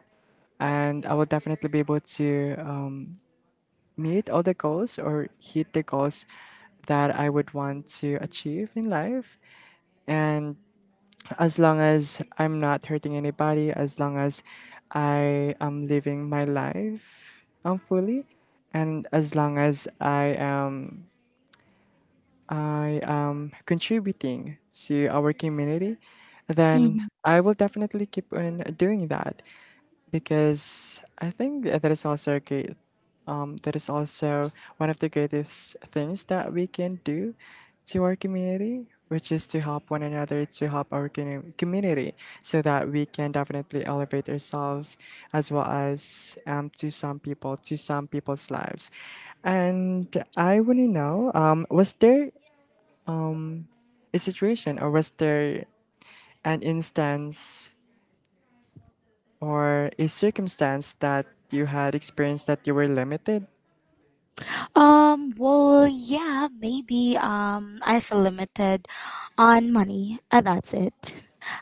Speaker 1: and I will definitely be able to um meet all the goals or hit the goals that I would want to achieve in life. And as long as I'm not hurting anybody, as long as I am living my life um, fully, and as long as I am I am contributing to our community, then
Speaker 2: Mhm.
Speaker 1: I will definitely keep on doing that, because I think that is also a great. Um, that is also one of the greatest things that we can do to our community, which is to help one another, to help our commu- community, so that we can definitely elevate ourselves as well as, um, to some people, to some people's lives. And I want to know, um, was there a situation or was there an instance or a circumstance that you had experienced that you were limited?
Speaker 2: Um, well, yeah, maybe um I feel limited on money, and that's it.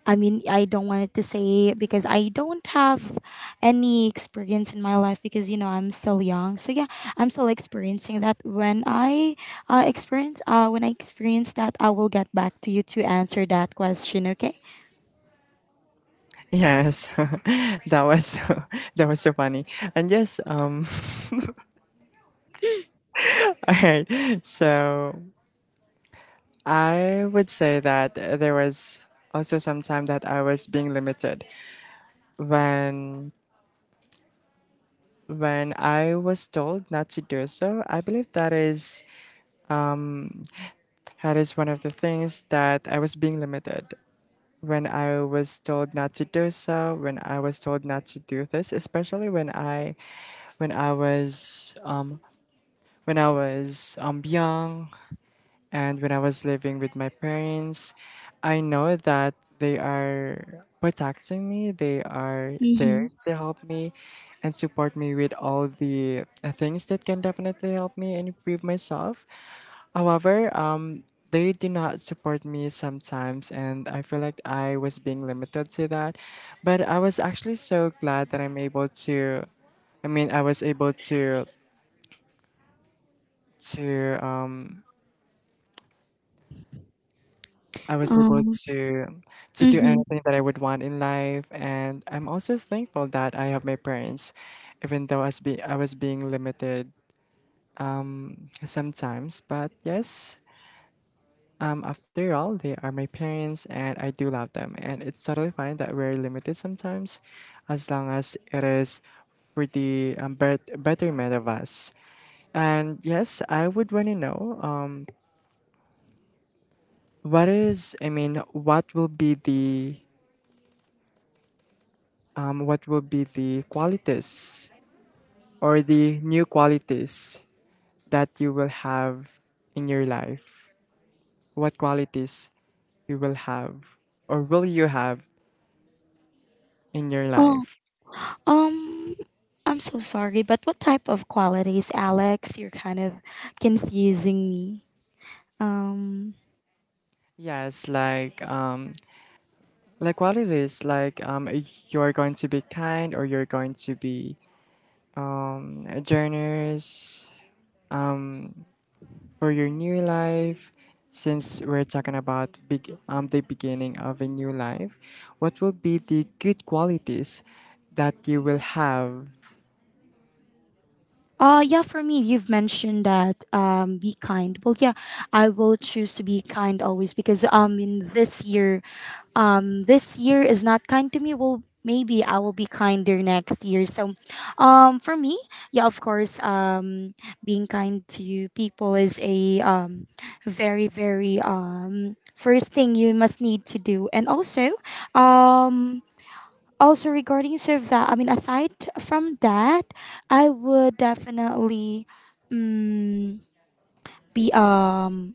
Speaker 2: I mean, I don't want it to say because I don't have any experience in my life, because you know I'm still young. So yeah, I'm still experiencing that. When I uh, experience, uh, when I experience that, I will get back to you to answer that question. Okay.
Speaker 1: Yes. that was so, that was so funny. And yes, um, all right. So I would say that there was also some time that I was being limited when when I was told not to do so. I believe that is that is one of the things that I was being limited. When I was told not to do so, when I was told not to do this, especially when I when I was um, when I was um, young and when I was living with my parents, I know that they are protecting me. They are there
Speaker 2: Mm-hmm.
Speaker 1: to help me and support me with all the uh, things that can definitely help me and improve myself. However, um, they do not support me sometimes, and I feel like I was being limited to that. But I was actually so glad that I'm able to. I mean, I was able to to um, I was able
Speaker 2: Um,
Speaker 1: to to do
Speaker 2: mm-hmm.
Speaker 1: anything that I would want in life, and I'm also thankful that I have my parents, even though I was be I was being limited sometimes. But yes, Um, after all, they are my parents and I do love them. And it's totally fine that we're limited sometimes, as long as it is for the um, bet- betterment of us. And yes, I would want to know, um, what is, I mean, what will be the, um, what will be the qualities or the new qualities that you will have in your life? What qualities you will have or will you have in your
Speaker 2: Oh,
Speaker 1: life?
Speaker 2: um, I'm so sorry, but what type of qualities, Alex? You're kind of confusing me. Um,
Speaker 1: Yes, like um like what it is, like um you're going to be kind, or you're going to be um generous, um for your new life, since we're talking about big um the beginning of a new life. What will be the good qualities that you will have?
Speaker 2: uh, yeah, for me, you've mentioned that, um, be kind. Well, yeah, I will choose to be kind always because, um, in this year, um this year is not kind to me. Well, maybe I will be kinder next year. So um for me, yeah, of course, um being kind to people is a, um very very, um first thing you must need to do. And also um also regarding serve that, I mean, aside from that, I would definitely um, be um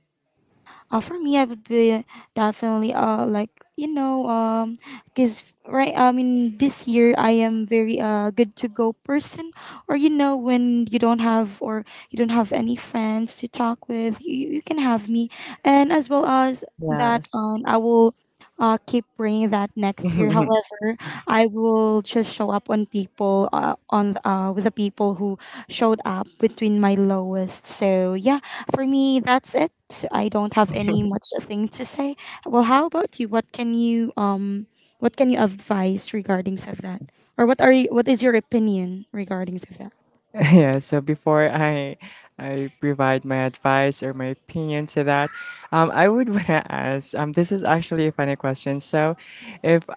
Speaker 2: uh, for me, I would be definitely, uh like you know, um because right. I mean, this year I am very uh good to go person. Or you know, when you don't have, or you don't have any friends to talk with, you, you can have me. And as well as that,
Speaker 1: Yes.
Speaker 2: um, I will uh, keep praying that next year. However, I will just show up on people, uh, on uh, with the people who showed up between my lowest. So yeah, for me, that's it. I don't have any much thing to say. Well, how about you? What can you um what can you advise regarding of that? Or what are you, what is your opinion regarding of that?
Speaker 1: Yeah, so before I I provide my advice or my opinion to that, um, I would wanna ask. Um, this is actually a funny question. So, if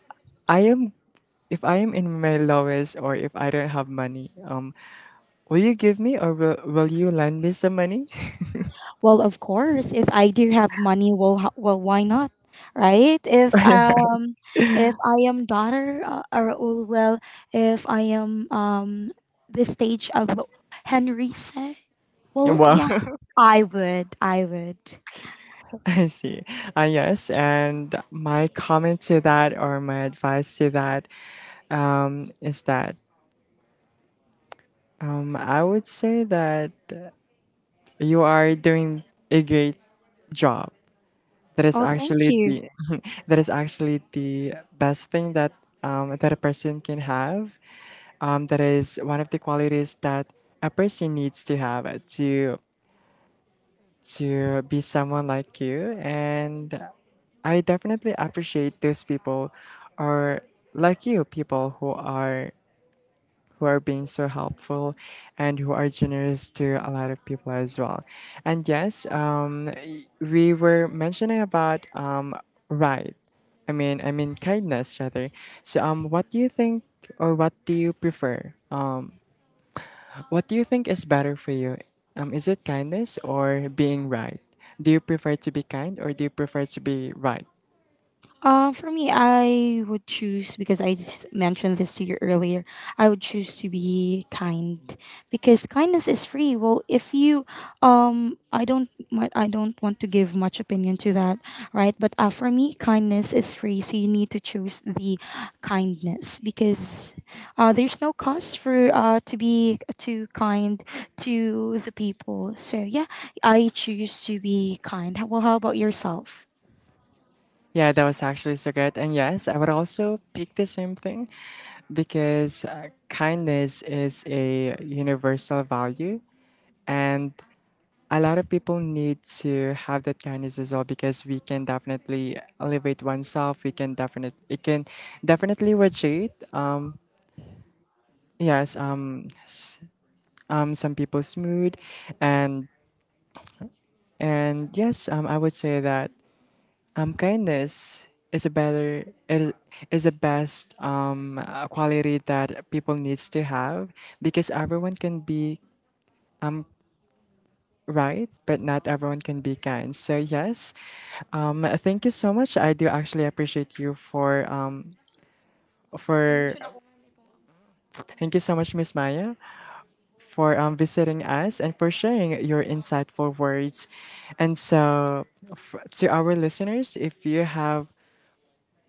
Speaker 1: I am if I am in my lowest, or if I don't have money, um, will you give me, or will, will you lend me some money?
Speaker 2: Well, of course, if I do have money, well, ho- well, why not? Right? If um
Speaker 1: Yes.
Speaker 2: if I am daughter, uh, or oh, well, if I am um the stage of Henry said, well,
Speaker 1: Well,
Speaker 2: yeah, I would. I would.
Speaker 1: I see. Uh, yes, and my comment to that, or my advice to that, um, is that um, I would say that you are doing a great job. That is
Speaker 2: Oh, thank
Speaker 1: actually
Speaker 2: you.
Speaker 1: the that is actually the best thing that um, that a person can have. Um, that is one of the qualities that a person needs to have uh, to to be someone like you. And I definitely appreciate those people, or like you, people who are who are being so helpful, and who are generous to a lot of people as well. And yes, um, y- we were mentioning about, um, right. I mean, I mean kindness rather. So, um, what do you think, or what do you prefer? Uh, what do you think is better for you? Um, is it kindness or being right? Do you prefer to be kind, or do you prefer to be right?
Speaker 2: Uh, for me, I would choose because I s- mentioned this to you earlier. I would choose to be kind because kindness is free. Well, if you, um, I don't, mi- I don't want to give much opinion to that, right? But uh, for me, kindness is free, so you need to choose the kindness because, uh, there's no cost for uh to be too kind to the people. So yeah, I choose to be kind. Well, how about yourself?
Speaker 1: Yeah, that was actually so good. And yes, I would also pick the same thing because uh, kindness is a universal value. And a lot of people need to have that kindness as well, because we can definitely elevate oneself. We can definitely, it can definitely radiate. Um, yes, um, s- um, some people's mood. And, and yes, um, I would say that Um, kindness is a better, it is, is the best um uh, quality that people needs to have, because everyone can be right, but not everyone can be kind. So yes, um, thank you so much. I do actually appreciate you for um for thank you so much, Miss Maya, for um visiting us and for sharing your insightful words. And so, f- to our listeners, if you have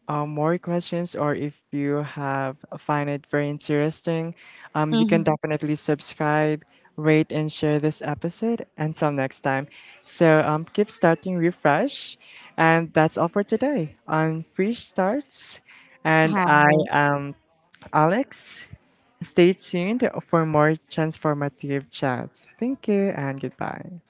Speaker 1: um, more questions, or if you have find it very interesting, um, you can
Speaker 2: Mm-hmm.
Speaker 1: definitely subscribe, rate, and share this episode. Until next time. So um, keep starting refresh. And that's all for today on Free Starts. And
Speaker 2: Hi.
Speaker 1: I am Alex. Stay tuned for more transformative chats. Thank you and goodbye.